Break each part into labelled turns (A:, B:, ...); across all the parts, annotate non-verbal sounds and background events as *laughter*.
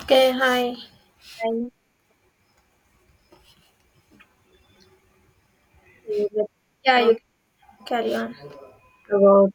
A: Okay, hi.
B: Time to, let's
A: Yeah,
B: talk
A: you carry on.
B: about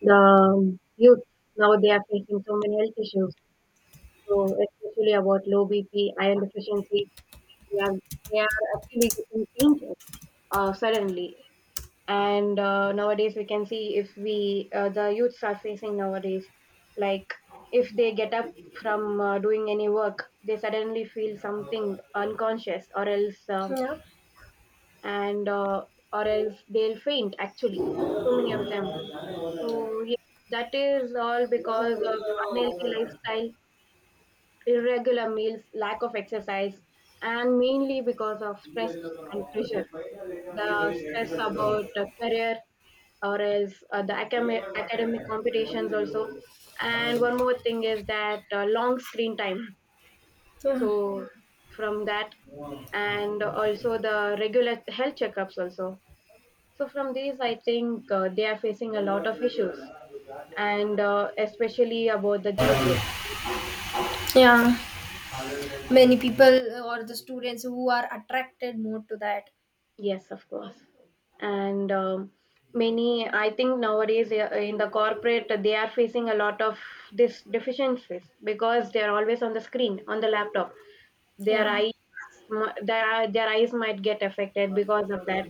B: the youth. Now they are facing so many health issues, so especially about low BP, iron deficiency. They are they are actually getting fainted suddenly. And nowadays we can see if we the youths are facing nowadays, like if they get up from doing any work, they suddenly feel something unconscious,
A: Yeah,
B: and uh, or else they'll faint. Actually, so many of them. So yeah, that is all because of unhealthy lifestyle, irregular meals, lack of exercise, and mainly because of stress and pressure. The stress about the career, or else the academic competitions also. And one more thing is that long screen time.
A: yeah,
B: So from that, and also the regular health checkups also. So from these, I think they are facing a lot of issues, and especially about the junk food.
A: yeah. Many people or the students who are attracted more to that.
B: Yes, of course. And many, I think nowadays in the corporate, they are facing a lot of these deficiencies because they are always on the screen, on the laptop. their
A: Yeah,
B: eyes their eyes might get affected because of that.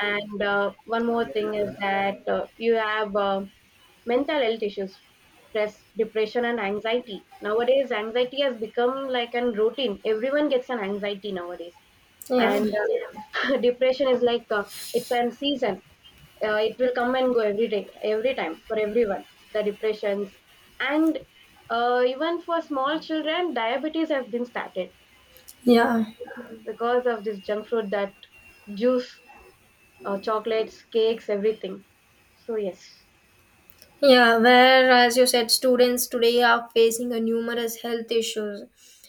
B: And one more thing is that you have mental health issues, stress, depression, and anxiety. Nowadays anxiety has become like a routine. Everyone gets an anxiety nowadays.
A: yeah,
B: And *laughs* depression is like it's a season. It will come and go every day, every time, for everyone, the depressions. And even for small children, diabetes has been started
A: yeah.
B: because of this junk food, that juice, chocolates, cakes, everything. So yes.
A: Yeah, where, as you said, students today are facing a numerous health issues,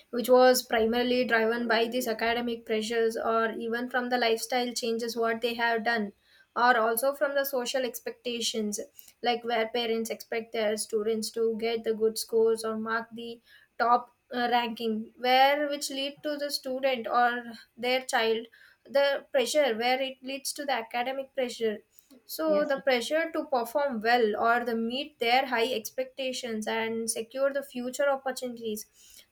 A: which was primarily driven by these academic pressures or even from the lifestyle changes what they have done, or also from the social expectations, like where parents expect their students to get the good scores or mark the top ranking, where which lead to the student or their child, the pressure where it leads to the academic pressure. So
B: Yes.
A: the pressure to perform well or the meet their high expectations and secure the future opportunities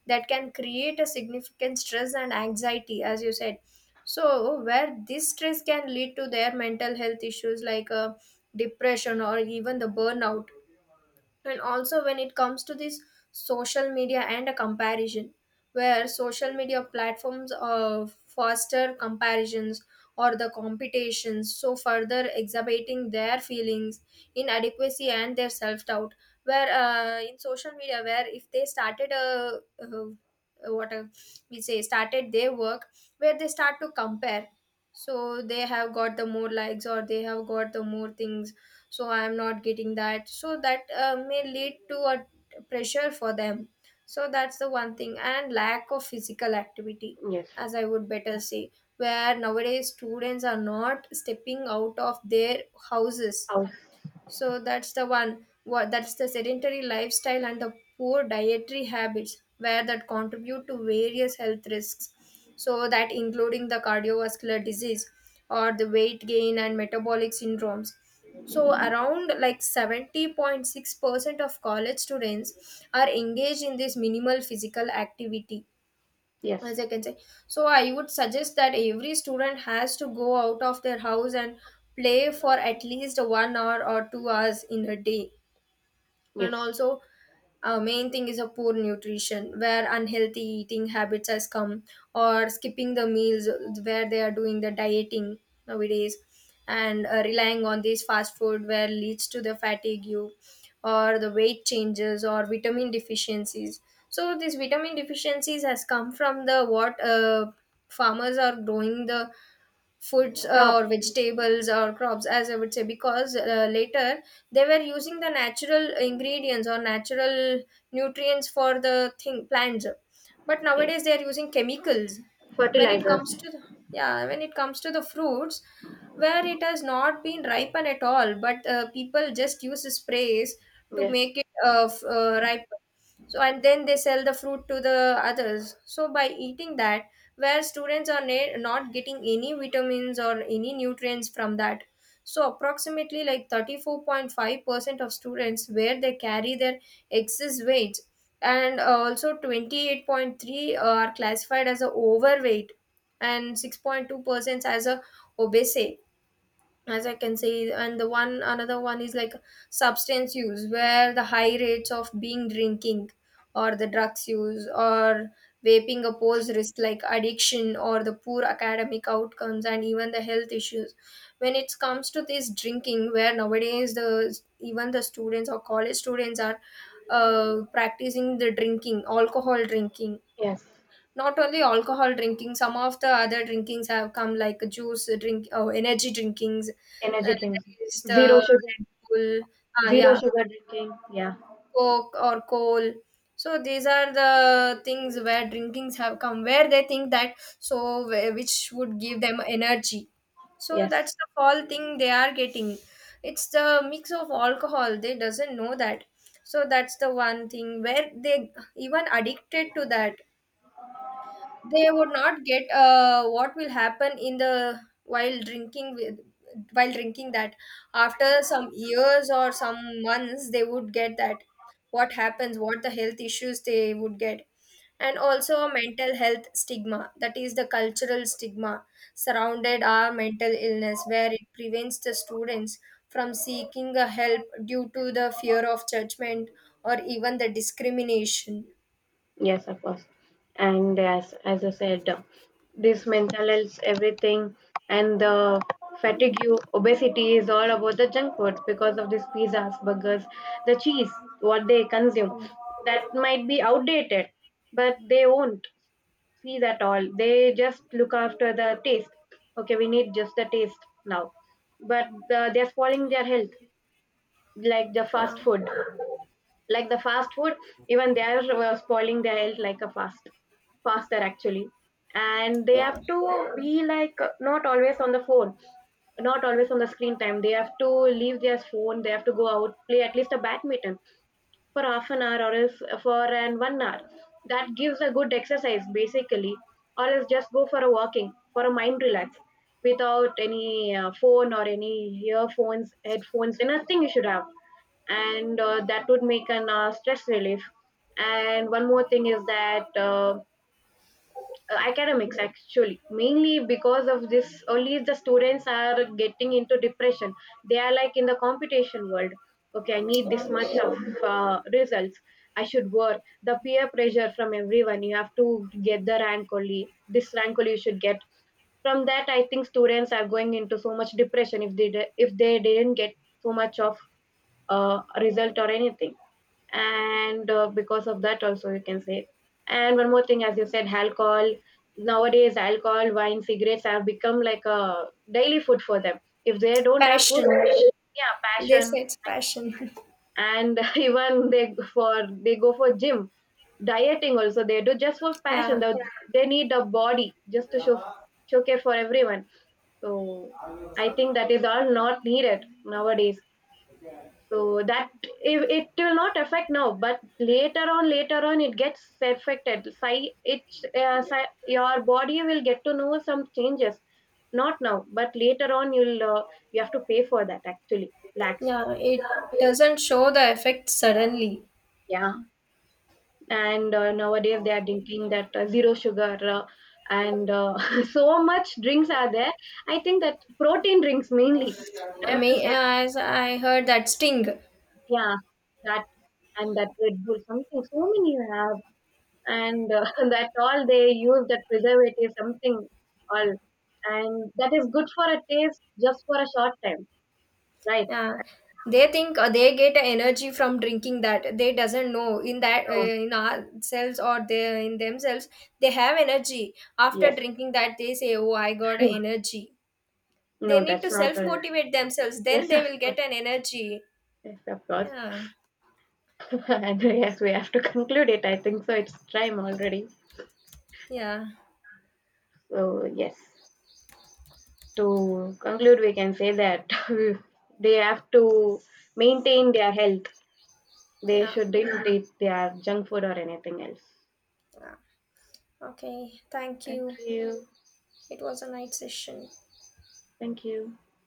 A: that can create a significant stress and anxiety, as you said. So where this stress can lead to their mental health issues like depression or even the burnout. And also when it comes to this social media and a comparison, where social media platforms foster comparisons or the competitions, so further exacerbating their feelings inadequacy and their self-doubt, where in social media, where if they started a what a, we say started their work, where they start to compare, so they have got the more likes or they have got the more things, so I am not getting that, so that may lead to a pressure for them. So that's the one thing, and lack of physical activity,
B: Yes.
A: as I would better say, where nowadays students are not stepping out of their houses.
B: House.
A: So that's the one. What that's the sedentary lifestyle and the poor dietary habits where that contribute to various health risks. So that including the cardiovascular disease or the weight gain and metabolic syndromes. So around like 70.6% of college students are engaged in this minimal physical activity, as
B: Yes.
A: I can say. So I would suggest that every student has to go out of their house and play for at least 1 hour or 2 hours in a day. And
B: Yes.
A: also, main thing is a poor nutrition, where unhealthy eating habits has come, or skipping the meals where they are doing the dieting nowadays, and relying on this fast food where leads to the fatigue you, or the weight changes or vitamin deficiencies. So these vitamin deficiencies has come from the what farmers are growing the foods
B: Crop.
A: or vegetables or crops, as I would say, because later they were using the natural ingredients or natural nutrients for the thing plants, but
B: Yes.
A: nowadays they are using chemicals. When it
B: Fertilizers.
A: comes to the, yeah, when it comes to the fruits where it has not been ripened at all, but people just use sprays to
B: Yes.
A: make it ripe. So and then they sell the fruit to the others, so by eating that, where students are not getting any vitamins or any nutrients from that. So approximately like 34.5% of students where they carry their excess weight, and also 28.3 are classified as a overweight, and 6.2% as a obese, as I can say. And the one another one is like substance use, where the high rates of being drinking or the drugs use or vaping oppose risk like addiction or the poor academic outcomes and even the health issues. When it comes to this drinking, where nowadays the even the students or college students are practicing the drinking, alcohol drinking,
B: Yes.
A: not only alcohol drinking, some of the other drinkings have come like juice drink, oh, energy drinkings.
B: Energy
A: That
B: drinks.
A: is the
B: Zero sugar.
A: Red Bull, ah,
B: Zero
A: yeah,
B: sugar drinking. Yeah.
A: Coke or coal. So these are the things where drinkings have come, where they think that so which would give them energy. So
B: Yes.
A: that's the fall thing they are getting. It's the mix of alcohol. They doesn't know that. So that's the one thing where they even addicted to that, they would not get what will happen in the while drinking with while drinking that, after some years or some months they would get that, what happens, what the health issues they would get. And also a mental health stigma, that is the cultural stigma surrounded our mental illness, where it prevents the students from seeking a help due to the fear of judgment or even the discrimination.
B: Yes, of course. And as I said, this mental health, everything, and the fatigue, obesity is all about the junk food because of these pizzas, burgers, the cheese, what they consume.
A: yeah
B: That might be outdated, but they won't see that all. They just look after the taste. Okay, we need just the taste now, but they're spoiling their health, like the fast food like the fast food. Even they are spoiling their health like a faster, actually. And they
A: yeah
B: have
A: yeah.
B: to be like not always on the phone, not always on the screen time. They have to leave their phone. They have to go out, play at least a badminton for half an hour, or else for an 1 hour. That gives a good exercise basically. Or else just go for a walking for a mind relax, without any phone or any earphones, headphones, anything you should have. And that would make an stress relief. And one more thing is that academics, actually, mainly because of this only, the students are getting into depression. They are like in the competition world. Okay, I need
A: Yeah.
B: this much of results. I should work. The peer pressure from everyone. You have to get the rank, only this rank only you should get. From that, I think students are going into so much depression, if they didn't get so much of result or anything. And because of that also, you can say. And one more thing, as you said, alcohol. Nowadays alcohol, wine, cigarettes have become like a daily food for them, if they don't have food.
A: Passion,
B: Yeah,
A: they say
B: passion.
A: it's passion *laughs*
B: And *laughs* even they go for gym. Dieting also they do, just for passion.
A: yeah.
B: They need a body just to showcase for everyone. So I think that is all not needed nowadays. So that it will not affect now, but later on it gets affected. Your body will get to know some changes. Not now, but later on you have to pay for that, actually, lakhs.
A: Yeah, it doesn't show the effect suddenly.
B: Yeah. And nowadays they are drinking that zero sugar, and *laughs* so much drinks are there. I think that protein drinks mainly, I
A: I
B: have to
A: mean,
B: say.
A: as I heard that sting.
B: Yeah. That. And that Red Bull, something, so many you have. And *laughs* that all, they use that preservative something, all. And that is good for a taste just for a short time, right?
A: Yeah, they think they get energy from drinking that, they doesn't know in that
B: No,
A: in ourselves or they in themselves they have energy. After
B: yes.
A: drinking that they say oh I got energy.
B: *laughs*
A: They
B: No,
A: need to
B: that's not
A: self
B: a.
A: motivate themselves, then
B: Yes,
A: they
B: of
A: will
B: course.
A: get an energy.
B: Yes, of course.
A: Yeah.
B: *laughs* And yes, we have to conclude it, I think so. It's time already.
A: Yeah.
B: So yes. To conclude, we can say that *laughs* they have to maintain their health. They
A: Yeah.
B: shouldn't eat their junk food or anything else.
A: Yeah. Okay, thank
B: Thank
A: you.
B: you.
A: It was a nice session.
B: Thank you.